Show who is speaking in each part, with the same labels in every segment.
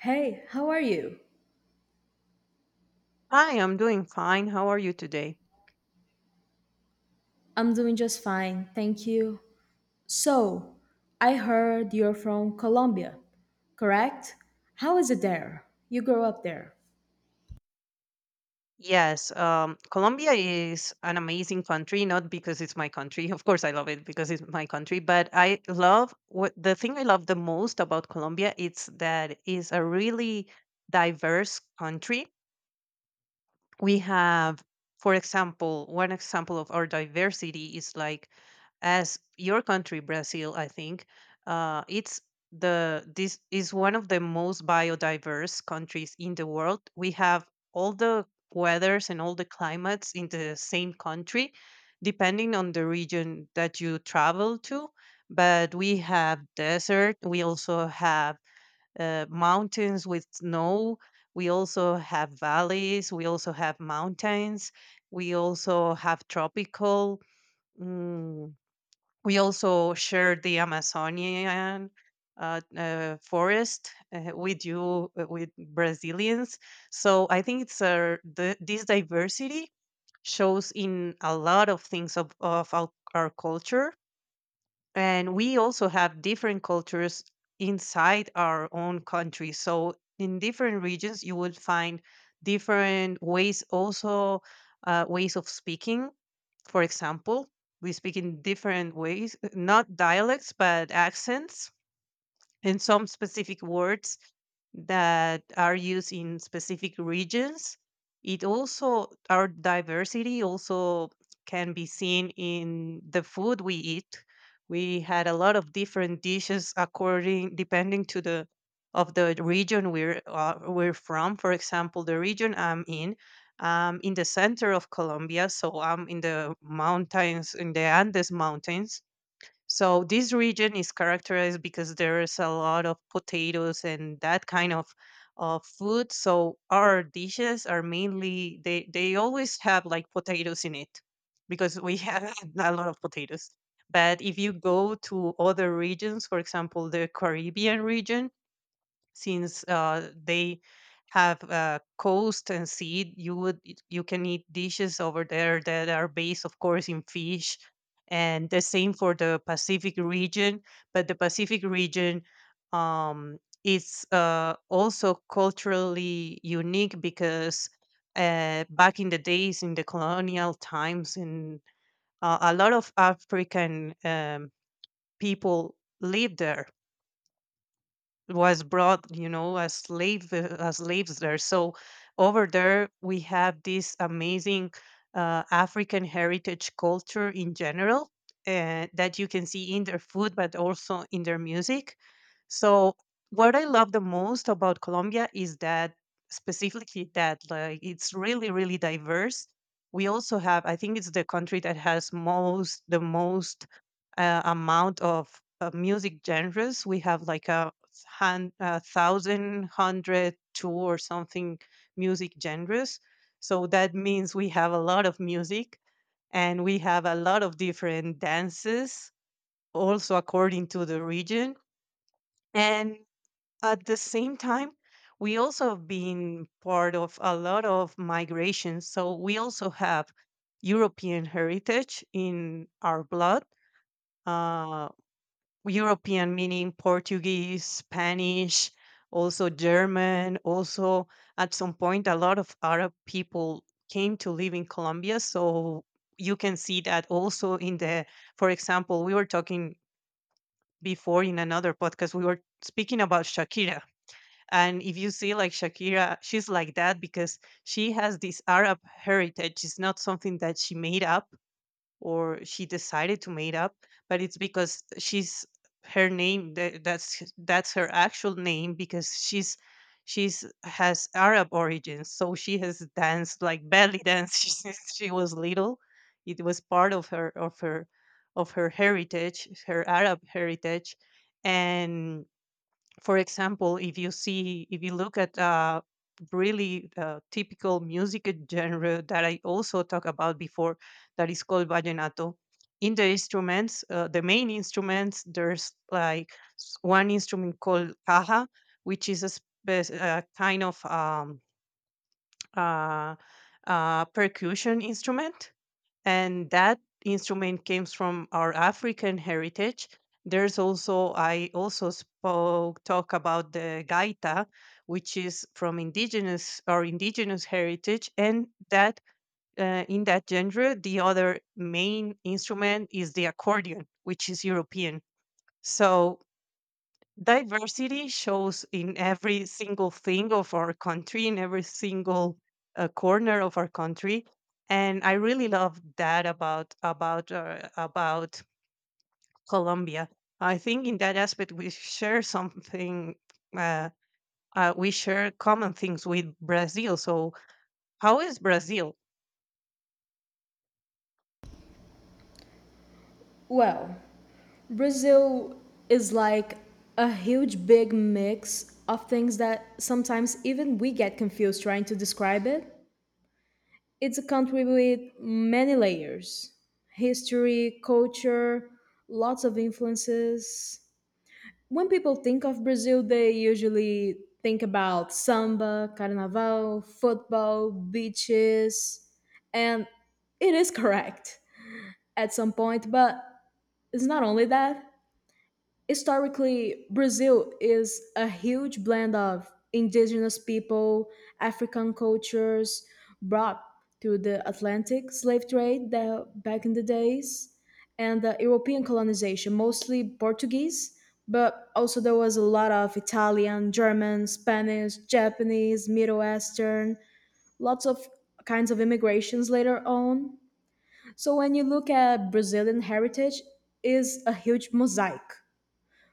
Speaker 1: Hey, how are you?
Speaker 2: Hi, I'm doing fine. How are you today?
Speaker 1: I'm doing just fine, thank you. So, I heard you're from Colombia, correct? How is it there? You grew up there.
Speaker 2: Yes, Colombia is an amazing country, not because it's my country. Of course, I love it because it's my country, but I love what the thing I love the most about Colombia is that it's a really diverse country. We have, for example, one example of our diversity is like as your country Brazil, I think, it's the this is one of the most biodiverse countries in the world. We have all the weathers and all the climates in the same country, depending on the region that you travel to. But we have desert. We also have mountains with snow. We also have valleys. We also have mountains. We also have tropical. mm, we also share the Amazonian forest with you, with Brazilians. So I think it's this diversity shows in a lot of things of our culture. And we also have different cultures inside our own country, so in different regions you will find different ways, also ways of speaking. For example, we speak in different ways, not dialects but accents, and some specific words that are used in specific regions. Our diversity also can be seen in the food we eat. We had a lot of different dishes depending to the of the region we're from. For example, the region I'm in the center of Colombia, so I'm in the mountains, in the Andes mountains, so this region is characterized because there is a lot of potatoes and that kind of food. So our dishes are mainly, they always have like potatoes in it, because we have a lot of potatoes. But if you go to other regions, for example, the Caribbean region, since they have coast and seed, you can eat dishes over there that are based, of course, in fish, and the same for the Pacific region. But the Pacific region, um, is also culturally unique, because back in the days, in the colonial times, in a lot of African people lived there, was brought, as slaves there. So over there we have this amazing African heritage, culture in general, that you can see in their food, but also in their music. So what I love the most about Colombia is that, specifically, that, like, it's really, really diverse. We also have, I think it's the country that has most the most amount of music genres. We have like a thousand hundred two or something music genres. So that means we have a lot of music, and we have a lot of different dances, also according to the region. And at the same time, we also have been part of a lot of migrations. So we also have European heritage in our blood. Uh, European, meaning Portuguese, Spanish, also German. Also, at some point, a lot of Arab people came to live in Colombia. So you can see that also for example, we were talking before in another podcast, we were speaking about Shakira. And if you see, like, Shakira, she's like that because she has this Arab heritage. It's not something that she made up, or she decided to made up, but it's because she's her name tha- that's h- that's her actual name, because she's has Arab origins, so she has danced like belly dance since she was little. It was part of her heritage, her Arab heritage. And, for example, if you look at really typical music genre that I also talked about before, that is called vallenato. In the instruments, the main instruments, there's like one instrument called caja, which is a kind of uh, percussion instrument, and that instrument comes from our African heritage. There's also I also spoke talk about the gaita, which is from indigenous heritage, and that in that genre, the other main instrument is the accordion, which is European. So diversity shows in every single thing of our country, in every single corner of our country, and I really love that about Colombia. I think in that aspect we share something. Uh, we share common things with Brazil. So how is Brazil?
Speaker 1: Well, Brazil is like a huge big mix of things that sometimes even we get confused trying to describe it. It's a country with many layers: history, culture, lots of influences. When people think of Brazil, they usually think about samba, carnaval, football, beaches, and it is correct at some point, but it's not only that. Historically, Brazil is a huge blend of indigenous people, African cultures brought through the Atlantic slave trade that back in the days, and the European colonization, mostly Portuguese, but also there was a lot of Italian, German, Spanish, Japanese, Middle Eastern, lots of kinds of immigrations later on. So when you look at Brazilian heritage, is a huge mosaic.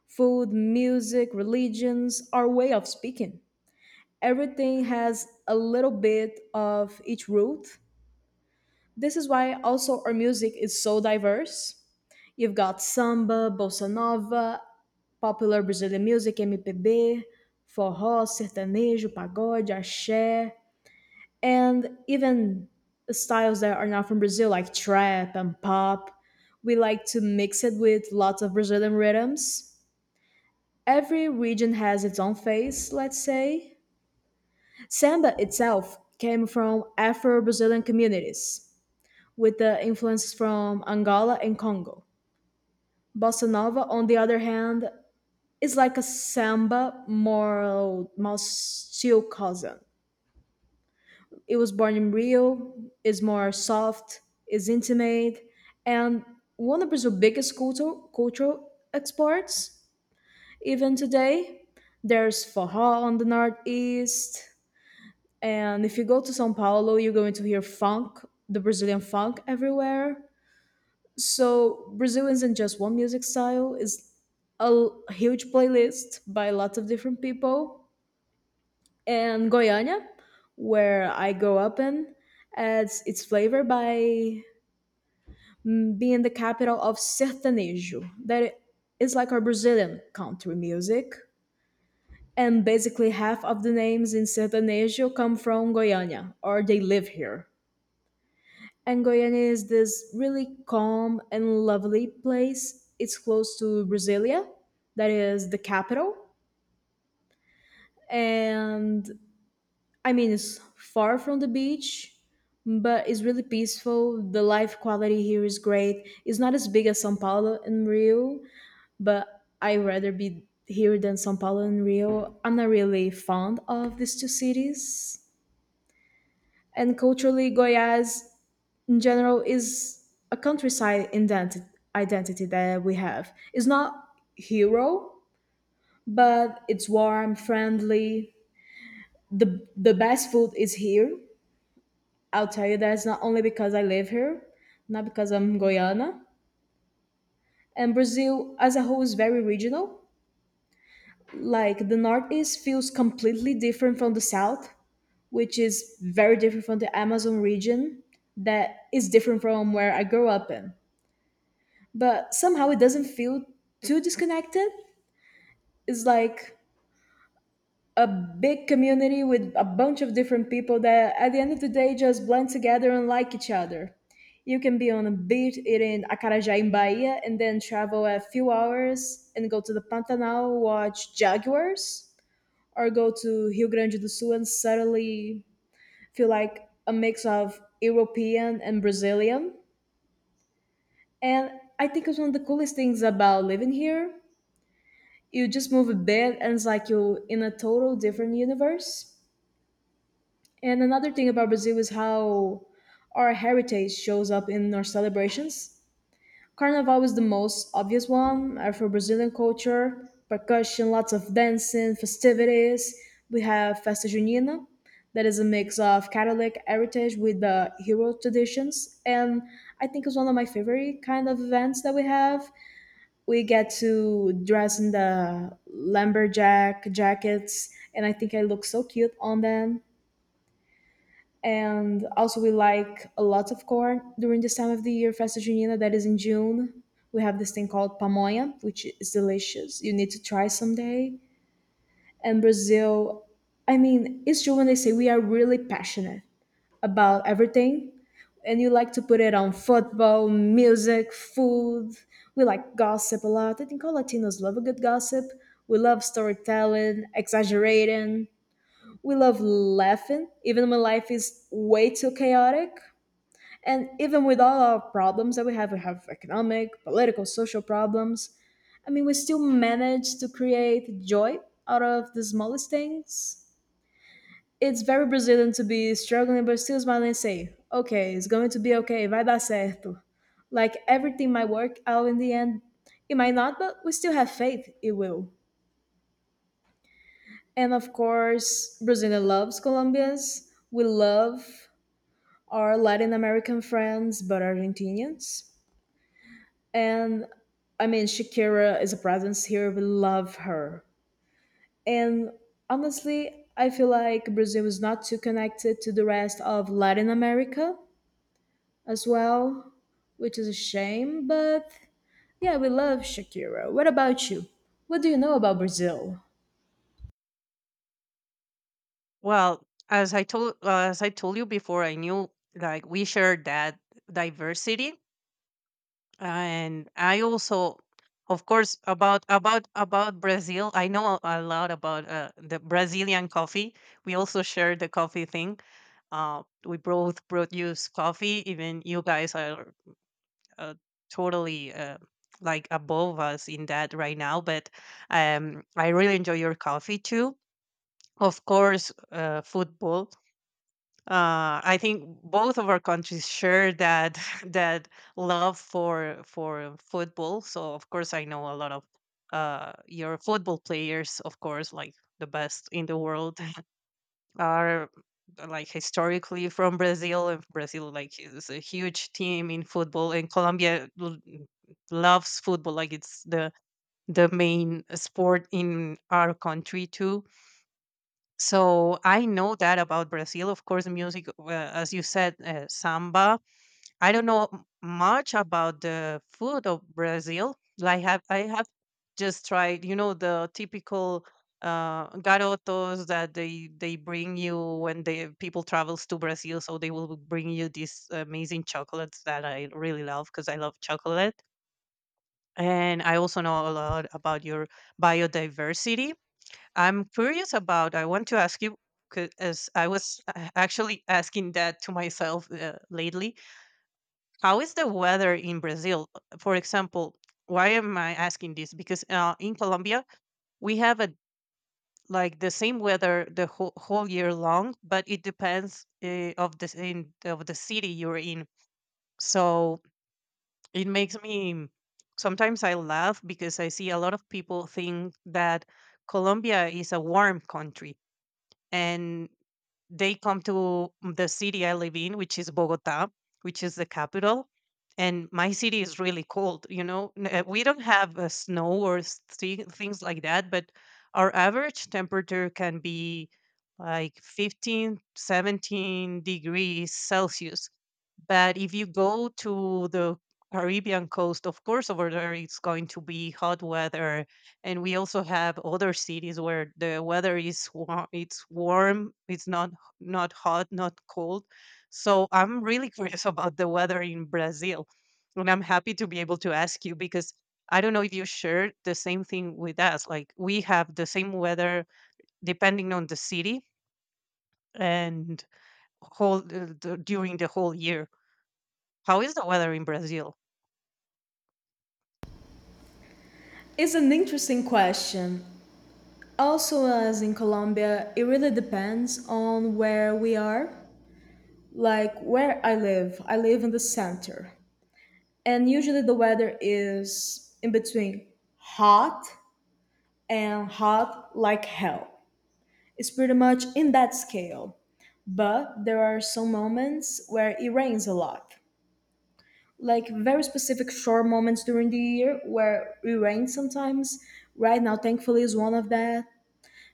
Speaker 1: Food, music, religions, our way of speaking. Everything has a little bit of each root. This is why also our music is so diverse. You've got samba, bossa nova, popular Brazilian music, MPB, forró, sertanejo, pagode, axé, and even styles that are not from Brazil, like trap and pop. We like to mix it with lots of Brazilian rhythms. Every region has its own face, let's say. Samba itself came from Afro Brazilian communities, with the influence from Angola and Congo. Bossa Nova, on the other hand, is like a samba, more Maustio cousin. It was born in Rio, is more soft, is intimate, and one of Brazil's biggest cultural exports, even today. There's forró on the northeast. And if you go to Sao Paulo, you're going to hear funk, the Brazilian funk everywhere. So Brazil isn't just one music style, it's huge playlist by lots of different people. And Goiânia, where I grew up in, adds its flavor by being the capital of sertanejo, that is like our Brazilian country music. And basically half of the names in sertanejo come from Goiânia, or they live here. And Goiânia is this really calm and lovely place. It's close to Brasilia, that is the capital. And I mean, it's far from the beach, but it's really peaceful. The life quality here is great. It's not as big as Sao Paulo and Rio, but I'd rather be here than Sao Paulo and Rio. I'm not really fond of these two cities. And culturally, Goiás in general is a identity that we have. It's not hero, but it's warm, friendly. The best food is here. I'll tell you that it's not only because I live here, not because I'm Guyana. And Brazil as a whole is very regional. Like the Northeast feels completely different from the South, which is very different from the Amazon region that is different from where I grew up in. But somehow it doesn't feel too disconnected. It's like a big community with a bunch of different people that at the end of the day just blend together and like each other. You can be on a beach eating acarajé in Bahia and then travel a few hours and go to the Pantanal, watch jaguars, or go to Rio Grande do Sul and suddenly feel like a mix of European and Brazilian. And I think it's one of the coolest things about living here: you just move a bit and it's like you're in a total different universe. And another thing about Brazil is how our heritage shows up in our celebrations. Carnival is the most obvious one: Afro Brazilian culture, percussion, lots of dancing, festivities. We have Festa Junina, that is a mix of Catholic heritage with the hero traditions. And I think it's one of my favorite kind of events that we have. We get to dress in the lumberjack jackets and I think I look so cute on them. And also we like a lot of corn during this time of the year, Festa Junina, that is in June. We have this thing called pamonha, which is delicious, you need to try someday. And Brazil, I mean, it's true when they say we are really passionate about everything, and you like to put it on football, music, food. We like gossip a lot. I think all Latinos love a good gossip. We love storytelling, exaggerating. We love laughing, even when life is way too chaotic. And even with all our problems that we have economic, political, social problems. I mean, we still manage to create joy out of the smallest things. It's very Brazilian to be struggling but still smiling and say, okay, it's going to be okay, vai dar certo. Like everything might work out in the end. It might not, but we still have faith it will. And of course, Brazil loves Colombians. We love our Latin American friends, but Argentinians. And I mean, Shakira is a presence here. We love her. And honestly, I feel like Brazil is not too connected to the rest of Latin America as well, which is a shame. But yeah, we love Shakira. What about you? What do you know about Brazil?
Speaker 2: Well, as I told you before, I knew like we share that diversity. And I also, of course, about Brazil, I know a lot about the Brazilian coffee. We also share the coffee thing. We both produce coffee, even you guys are uh, totally like above us in that right now. But I really enjoy your coffee too. Of course, football. I think both of our countries share that that love for football. So of course, I know a lot of your football players, of course, like the best in the world, are like historically from Brazil, and Brazil, like, is a huge team in football, and Colombia loves football, like it's the main sport in our country too. So I know that about Brazil. Of course, music, as you said, samba. I don't know much about the food of Brazil. Like, have I have just tried the typical garotos that they bring you when the people travels to Brazil. So they will bring you these amazing chocolates that I really love because I love chocolate. And I also know a lot about your biodiversity. I want to ask you, because I was actually asking that to myself lately, how is the weather in Brazil? For example, why am I asking this? Because in Colombia, we have a like the same weather the whole, whole year long, but it depends of the city you're in. So, it makes me sometimes I laugh because I see a lot of people think that Colombia is a warm country, and they come to the city I live in, which is Bogota, which is the capital. And my city is really cold. We don't have snow or things like that, but our average temperature can be like 15, 17 degrees Celsius. But if you go to the Caribbean coast, of course, over there it's going to be hot weather, and we also have other cities where the weather is warm. It's warm. It's not hot, not cold. So I'm really curious about the weather in Brazil. And I'm happy to be able to ask you because I don't know if you share the same thing with us. Like, we have the same weather depending on the city, and during the whole year. How is the weather in Brazil?
Speaker 1: It's an interesting question. Also, as in Colombia, it really depends on where we are. Like where I live in the center, and usually the weather is in between hot and hot like hell. It's pretty much in that scale, but there are some moments where it rains a lot, like very specific short moments during the year where it rains sometimes. Right now, thankfully, is one of that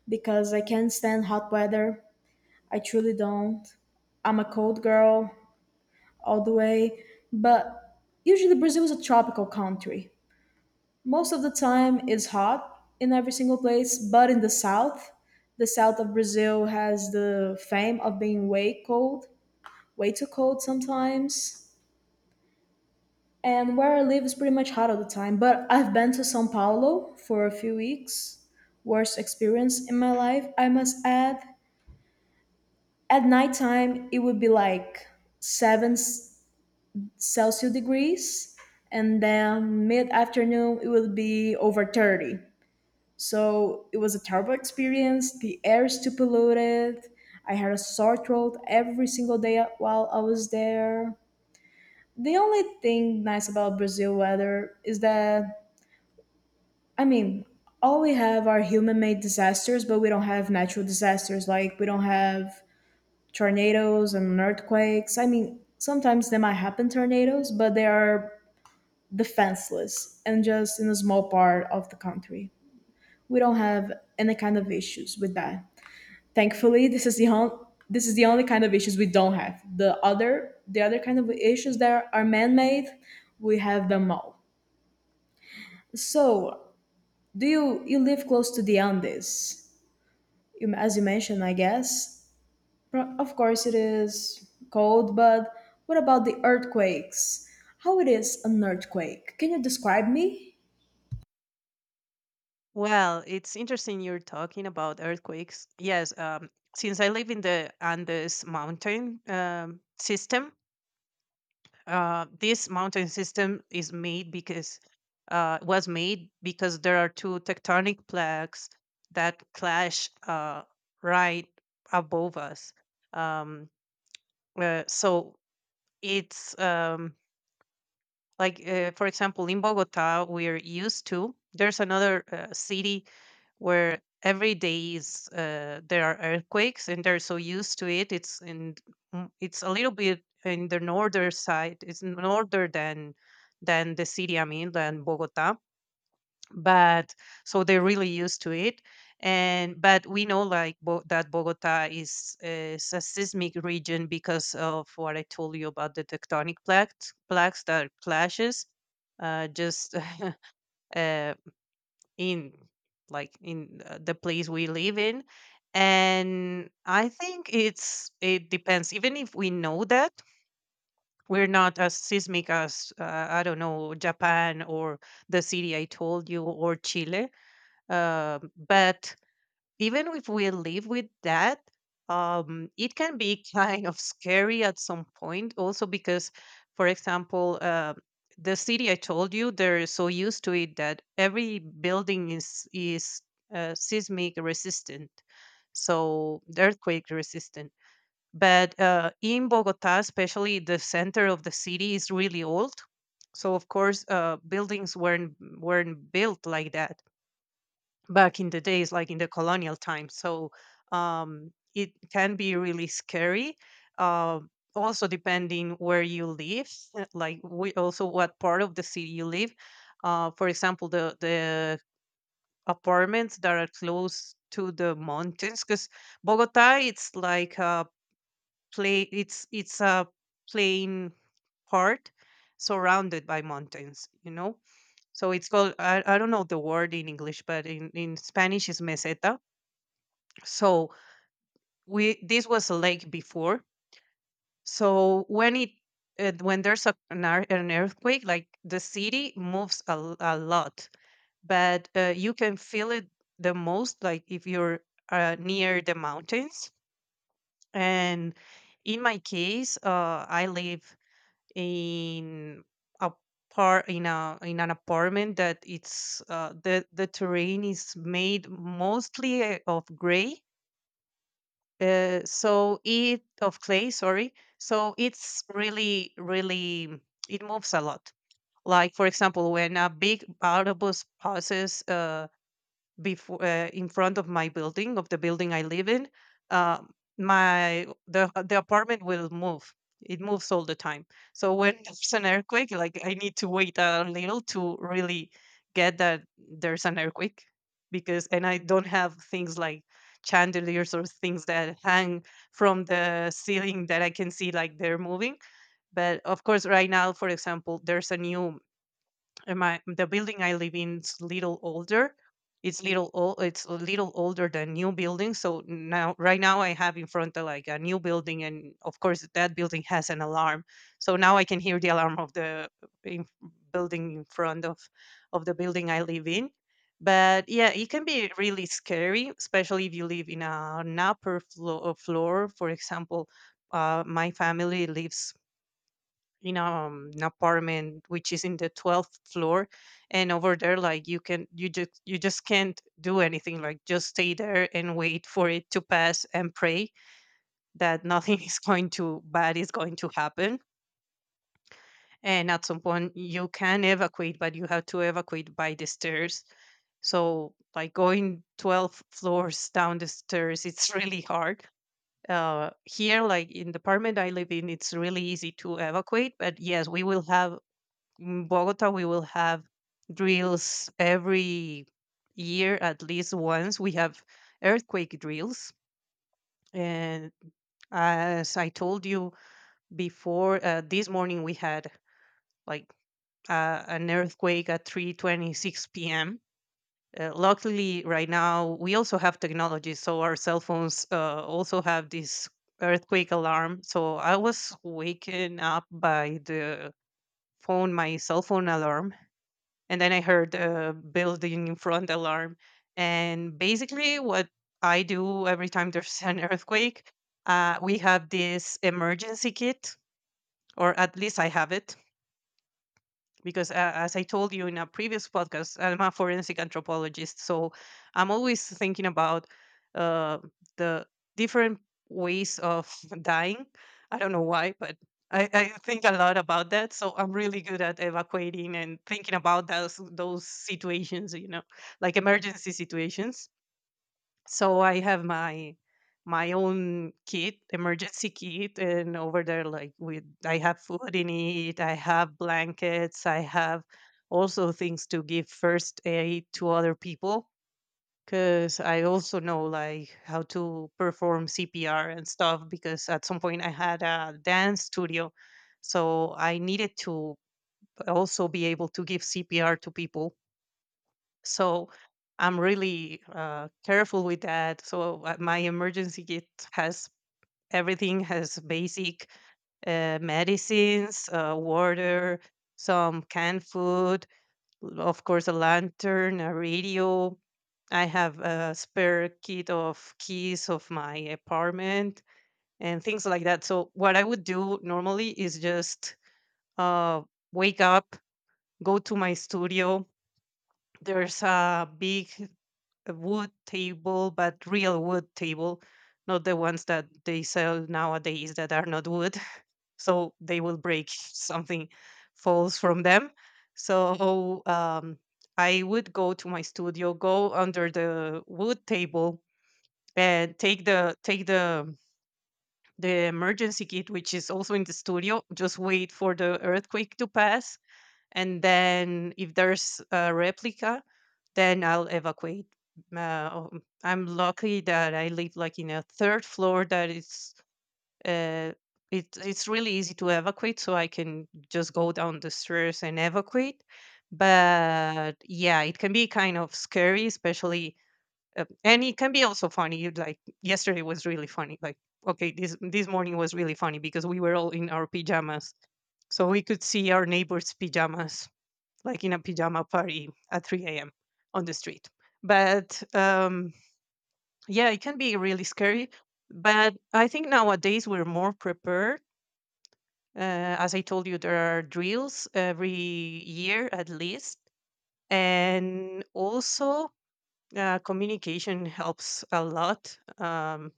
Speaker 1: because I can't stand hot weather. I truly don't. I'm a cold girl all the way. But usually, Brazil is a tropical country. Most of the time, it's hot in every single place, but in the south of Brazil has the fame of being way cold, way too cold sometimes. And where I live is pretty much hot all the time. But I've been to Sao Paulo for a few weeks. Worst experience in my life, I must add. At nighttime, it would be like 7 s- Celsius degrees. And then mid afternoon, it would be over 30. So it was a terrible experience. The air is too polluted. I had a sore throat every single day while I was there. The only thing nice about Brazil weather is that, I mean, all we have are human made disasters, but we don't have natural disasters. Like, we don't have tornadoes and earthquakes. I mean, sometimes they might happen tornadoes, but they are defenseless and just in a small part of the country. We don't have any kind of issues with that. Thankfully, this is the only kind of issues we don't have. The other kind of issues that are man-made, we have them all. So, do you live close to the Andes, you- as you mentioned, I guess? Of course, it is cold, but what about the earthquakes? How it is an earthquake? Can you describe me?
Speaker 2: Well, it's interesting you're talking about earthquakes. Yes, since I live in the Andes mountain system, this mountain system is made because was made because there are two tectonic plaques that clash right above us. Um, so it's like, for example, in Bogota, we're used to, there's another city where every day is there are earthquakes and they're so used to it. It's in it's a little bit in the northern side. It's northern than the city, I mean, than Bogota. But so they're really used to it. And but we know, like, that Bogota is a seismic region because of what I told you about the tectonic plaques that clashes just uh, in like in the place we live in. And I think it depends. Even if we know that we're not as seismic as I don't know, Japan, or the city I told you, or Chile, but even if we live with that, it can be kind of scary at some point, also because, for example, the city I told you, they're so used to it that every building is seismic resistant, so earthquake resistant. But in Bogota, especially the center of the city, is really old. So of course, buildings weren't built like that back in the days, like in the colonial times. So it can be really scary. Uh, Also, depending where you live, like we also what part of the city you live. For example, the apartments that are close to the mountains, because Bogota, it's like a play. It's a plain part surrounded by mountains. So it's called I don't know the word in English, but in Spanish is meseta. So we this was a lake before. So when there's an earthquake, like the city moves a lot. But you can feel it the most, like if you're near the mountains. And in my case, I live in a in a in an apartment that it's, the terrain is made mostly, of gray. So it Of clay, sorry. So it's really, really, it moves a lot. Like, for example, when a big autobus passes, before in front of my building of the building I live in, uh, my the apartment will move. It moves all the time. So when there's an earthquake, like I need to wait a little to really get that there's an earthquake. Because, and I don't have things like chandeliers or things that hang from the ceiling that I can see, like they're moving. But of course, right now, for example, there's a new, and my the building I live in is little older. It's little old. It's a little older than new buildings. So now, right now, I have in front of like a new building, and of course, that building has an alarm. So now I can hear the alarm of the, in, building in front of the building I live in. But yeah, it can be really scary, especially if you live in an upper floor. For example, my family lives in, an apartment which is in the 12th floor. And over there, like you just can't do anything, like just stay there and wait for it to pass and pray that nothing is going to bad is going to happen. And at some point you can evacuate, but you have to evacuate by the stairs. So like going 12 floors down the stairs, it's really hard. Here, like in the apartment I live in, it's really easy to evacuate. But yes, we will have in Bogota, we will have drills every year, at least once. We have earthquake drills. And as I told you before, this morning we had, like an earthquake at 3:26 p.m. Luckily, right now we also have technology, so our cell phones, also have this earthquake alarm. So I was waken up by the phone, my cell phone alarm, and then I heard a building in front alarm. And basically, what I do every time there's an earthquake, we have this emergency kit, or at least I have it. Because, as I told you in a previous podcast, I'm a forensic anthropologist, so I'm always thinking about, uh, the different ways of dying. I don't know why, but I think a lot about that. So I'm really good at evacuating and thinking about those situations, you know, like emergency situations. So I have my own kit emergency kit, and over there, like with I have food in it, I have blankets, I have also things to give first aid to other people. Because I also know like how to perform CPR and stuff, because at some point I had a dance studio. So I needed to also be able to give CPR to people. So I'm really, careful with that. So, my emergency kit has has basic, medicines, water, some canned food, of course, a lantern, a radio. I have a spare kit of keys of my apartment and things like that. So, what I would do normally is just, uh, wake up, go to my studio. There's a big, a wood table, but real wood table, not the ones that they sell nowadays that are not wood. So they will break if something falls from them. So, I would go to my studio, go under the wood table, and take the emergency kit, which is also in the studio. Just wait for the earthquake to pass, and then if there's a replica, then I'll evacuate. I'm lucky that I live like in a third floor that it's, uh, it's really easy to evacuate, so I can just go down the stairs and evacuate. But yeah, it can be kind of scary, especially, and it can be also funny. You'd Like, yesterday was really funny. Like, okay, this morning was really funny because we were all in our pajamas, so we could see our neighbors' pajamas, like in a pajama party at 3 a.m. on the street. But yeah, it can be really scary. But I think nowadays we're more prepared. As I told you, there are drills every year at least. And also, communication helps a lot,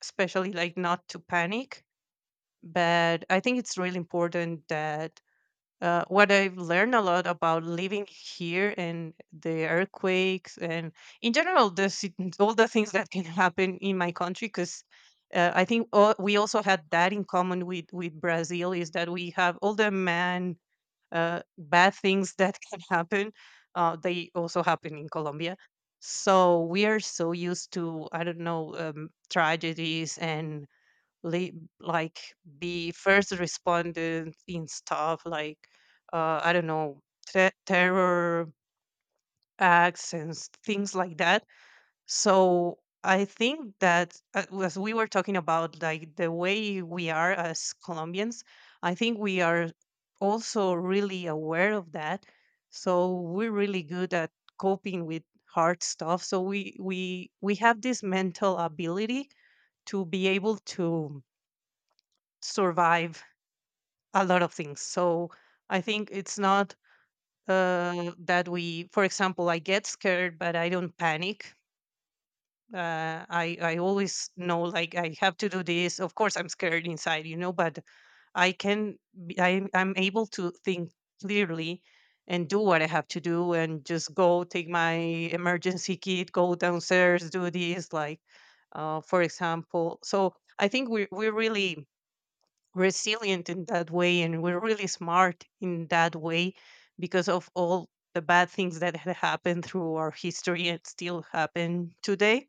Speaker 2: especially like not to panic. But I think it's really important that, what I've learned a lot about living here and the earthquakes and in general the all the things that can happen in my country, because, I think we also had that in common with Brazil, is that we have all the man bad things that can happen. They also happen in Colombia. So we are so used to, I don't know, tragedies and, li- like be first responded in stuff like, I don't know, terror acts and things like that. So I think that, as we were talking about, like the way we are as Colombians, I think we are also really aware of that. So we're really good at coping with hard stuff. So we have this mental ability to be able to survive a lot of things. So I think it's not, that we, for example, I get scared, but I don't panic. I always know, like I have to do this. Of course, I'm scared inside, you know, but I can... I'm able to think clearly and do what I have to do and just go take my emergency kit, go downstairs, do this. Like, for example, so I think we really resilient in that way, and we're really smart in that way because of all the bad things that had happened through our history and still happen today.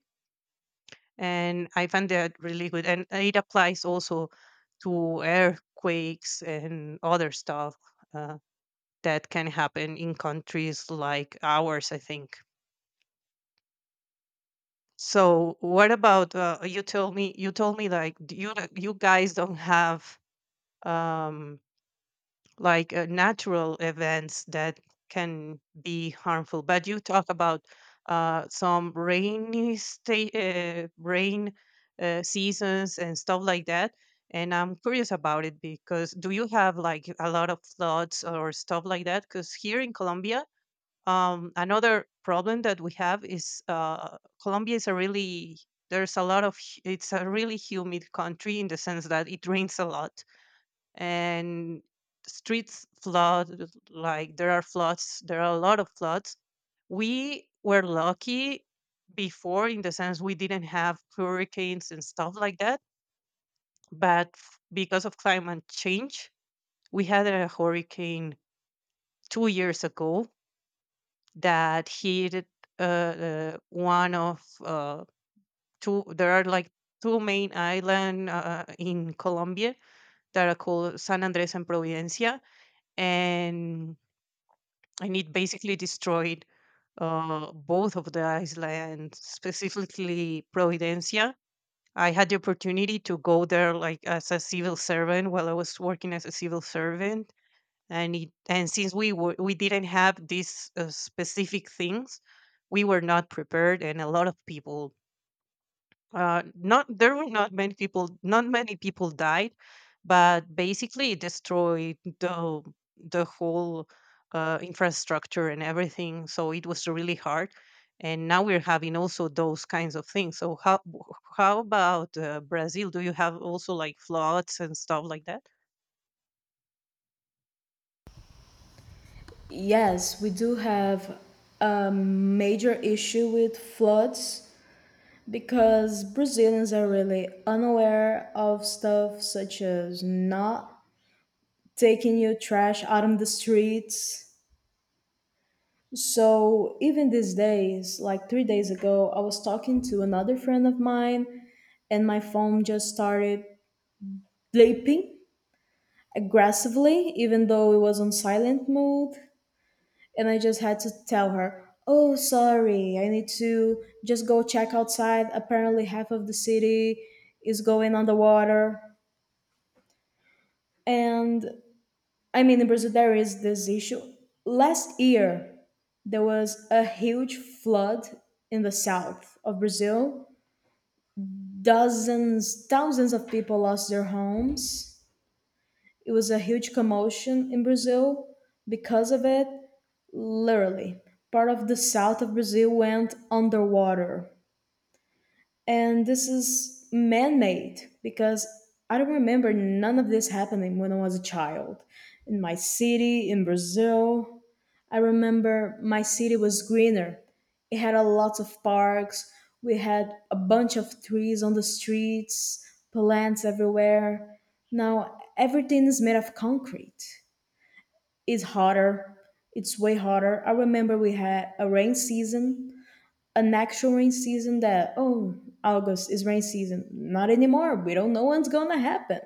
Speaker 2: And I find that really good, and it applies also to earthquakes and other stuff, uh, that can happen in countries like ours, I think. So what about, you told me, like, you guys don't have, um like, natural events that can be harmful. But you talk about, some rain, seasons and stuff like that. And I'm curious about it, because do you have like a lot of floods or stuff like that? Because here in Colombia, another problem that we have is, Colombia is a really there's a lot of, it's a really humid country in the sense that it rains a lot. And streets flood, like there are a lot of floods. We were lucky before in the sense we didn't have hurricanes and stuff like that. But because of climate change we had a hurricane 2 years ago that hit, one of, two there are like two main island, in Colombia, that are called San Andres and Providencia. And and it basically destroyed, both of the islands, specifically Providencia. I had the opportunity to go there, like as a civil servant, while I was working as a civil servant, and it, and since we didn't have these, specific things, we were not prepared, and a lot of people, not, there were not many people died. But basically it destroyed the whole, infrastructure and everything, so it was really hard. And now we're having also those kinds of things. So, how about, Brazil, do you have also like floods and stuff like that?
Speaker 1: Yes, we do have a major issue with floods because Brazilians are really unaware of stuff such as not taking your trash out on the streets. So, even these days, like 3 days ago, I was talking to another friend of mine and my phone just started bleeping aggressively, even though it was on silent mode. And I just had to tell her, oh, sorry, I need to just go check outside. Apparently, half of the city is going underwater. And I mean, in Brazil, there is this issue. Last year, there was a huge flood in the south of Brazil. Dozens, thousands of people lost their homes. It was a huge commotion in Brazil because of it. Literally, part of the south of Brazil went underwater. And this is man made because I don't remember none of this happening when I was a child. In my city, in Brazil, I remember my city was greener. It had a lot of parks. We had a bunch of trees on the streets, plants everywhere. Now everything is made of concrete. It's hotter. It's way hotter. I remember we had a rain season, an actual rain season that, oh, August is rain season. Not anymore. We don't know what's going to happen.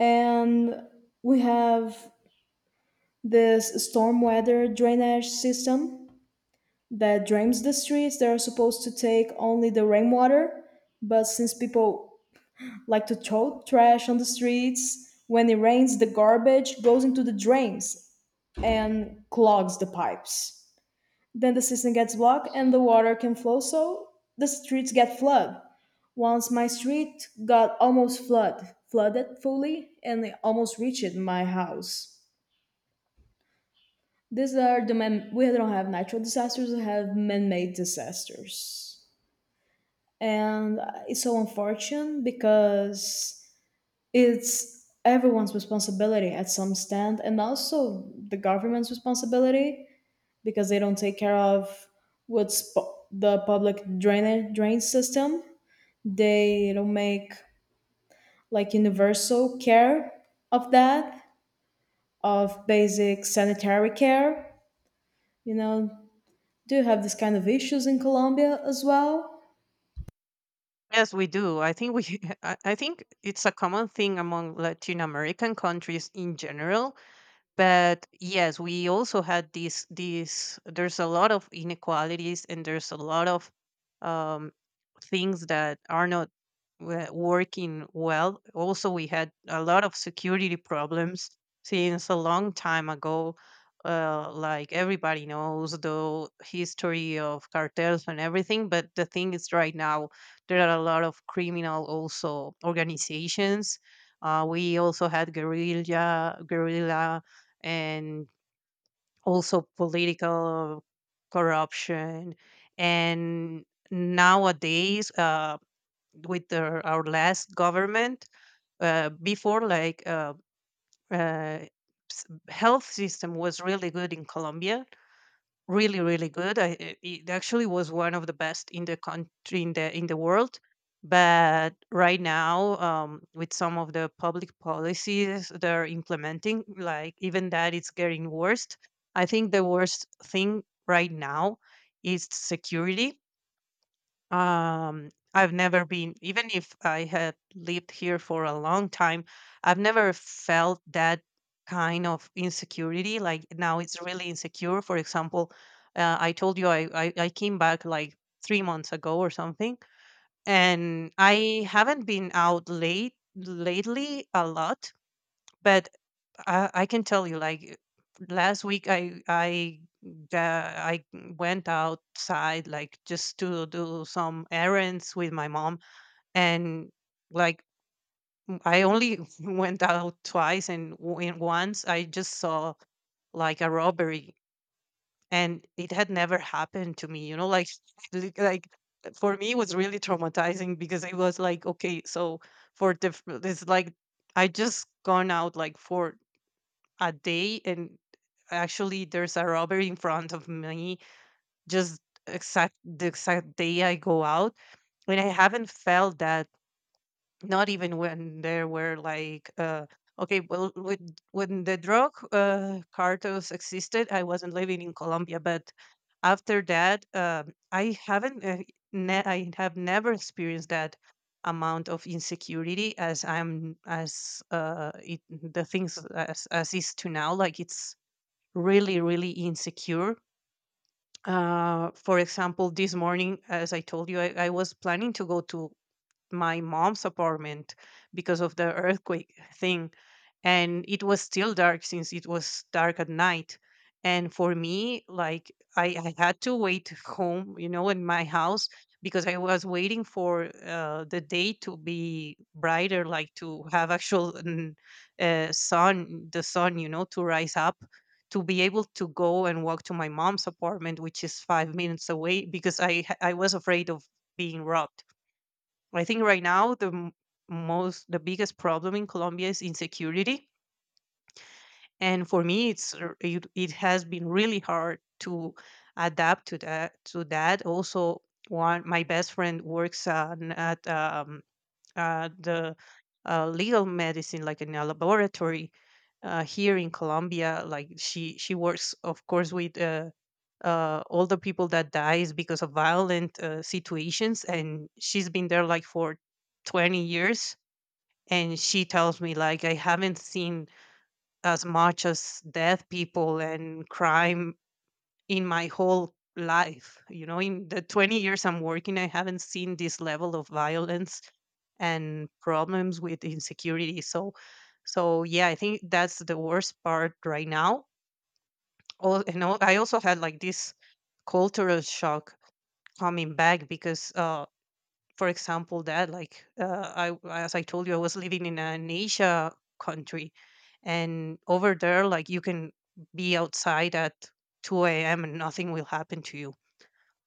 Speaker 1: And we have this storm weather drainage system that drains the streets. They're supposed to take only the rainwater, but since people like to throw trash on the streets, when it rains, the garbage goes into the drains and clogs the pipes. Then the system gets blocked and the water can flow, so the streets get flooded. Once my street got almost flooded fully, and it almost reached my house. These are the man. We don't have natural disasters. We have man-made disasters, and it's so unfortunate because it's everyone's responsibility at some stand, and also the government's responsibility because they don't take care of the public drain system. They don't make like universal care of that, of basic sanitary care. You know, do you have this kind of issues in Colombia as well?
Speaker 2: Yes, we do. I think we I think it's a common thing among Latin American countries in general. But yes, we also had these. There's a lot of inequalities, and there's a lot of, um, things that are not, working well. Also, we had a lot of security problems since a long time ago. Like everybody knows the history of cartels and everything, but the thing is, right now there are a lot of criminal also organizations. We also had guerrilla and also political corruption. And nowadays, with our last government, uh, before like uh, uh, health system was really good in Colombia, really good. It actually was one of the best in the country, in the world, but right now, with some of the public policies they're implementing, like even that, it's getting worse. I think the worst thing right now is security. I've never been, even if I had lived here for a long time, I've never felt that kind of insecurity. Like, now it's really insecure. For example, I told you I came back like 3 months ago or something, and I haven't been out late lately a lot. But I can tell you, like, last week, I went outside, like just to do some errands with my mom, and like, I only went out twice, and once I just saw like a robbery, and it had never happened to me. You know, like like, for me, it was really traumatizing, because it was like, okay, so for the it's like, I just gone out like for a day, and actually there's a robbery in front of me, just exact the exact day I go out. And I haven't felt that, not even when there were like okay, well, when the drug cartels existed. I wasn't living in Colombia, but after that, I haven't I have never experienced that amount of insecurity as the things as is to now. Like, it's really, really insecure. For example, this morning, as I told you, I was planning to go to my mom's apartment because of the earthquake thing, and it was still dark, since it was dark at night. And for me, like I had to wait home, you know, in my house, because I was waiting for the day to be brighter, like to have actual mm, sun the sun, you know, to rise up, to be able to go and walk to my mom's apartment, which is 5 minutes away, because I was afraid of being robbed. I think right now the m- most the biggest problem in Colombia is insecurity, and for me, it has been really hard to adapt to that. To that, also, one my best friend works at the legal medicine, like in a laboratory here in Colombia. Like, she works, of course, with. All the people that dies because of violent situations. And she's been there like for 20 years, and she tells me like, I haven't seen as much as dead people and crime in my whole life, you know. In the 20 years I'm working, I haven't seen this level of violence and problems with insecurity. So, so yeah, I think that's the worst part right now. Oh, and I also had like this cultural shock coming back, because for example that, like I as I told you, I was living in an Asia country, and over there, like, you can be outside at 2 a.m and nothing will happen to you.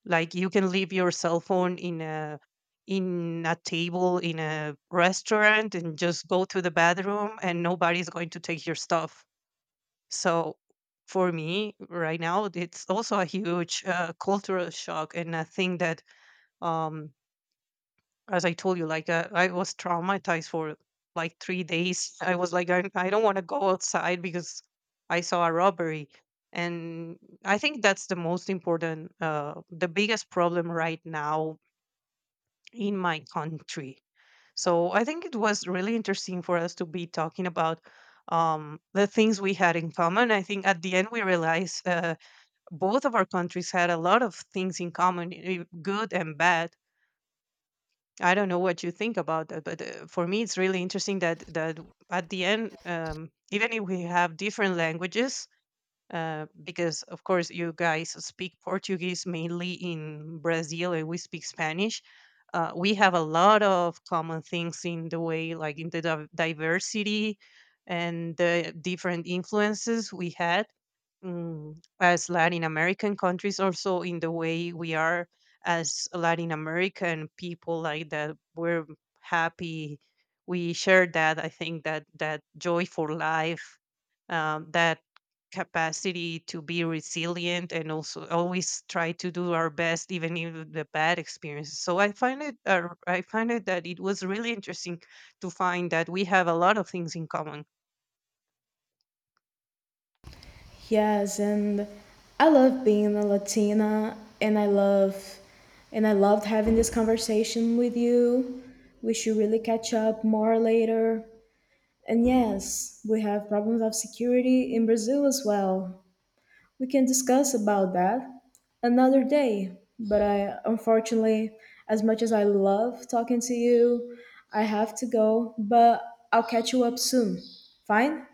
Speaker 2: Like, you can leave your cell phone in a table in a restaurant, and just go to the bathroom, and nobody's going to take your stuff. So, for me right now, it's also a huge cultural shock, and a thing that, um, as I told you, like I was traumatized for like 3 days. I was like, I don't want to go outside because I saw a robbery. And I think that's the most important, the biggest problem right now in my country. So, I think it was really interesting for us to be talking about the things we had in common. I think at the end, we realized, both of our countries had a lot of things in common, eh, good and bad. I don't know what you think about that, but for me, it's really interesting that at the end, even if we have different languages, because of course, you guys speak Portuguese mainly in Brazil, and we speak Spanish. We have a lot of common things in the way, like in the diversity and the different influences we had. Mm, as Latin American countries, also in the way we are as Latin American people, like, that we're happy. We share that. I think that that joy for life, that capacity to be resilient, and also always try to do our best, even in the bad experiences. So, I find it. I find it that it was really interesting to find that we have a lot of things in common.
Speaker 1: Yes, and I love being a Latina, and I love, and I loved having this conversation with you. We should really catch up more later. And yes, we have problems of security in Brazil as well. We can discuss about that another day. But I, unfortunately, as much as I love talking to you, I have to go, but I'll catch you up soon. Fine?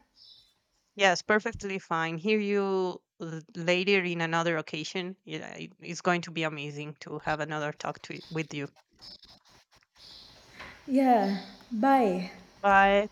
Speaker 2: Yes, perfectly fine. Hear you later in another occasion. Yeah, it's going to be amazing to have another talk with you.
Speaker 1: Yeah. Bye.
Speaker 2: Bye.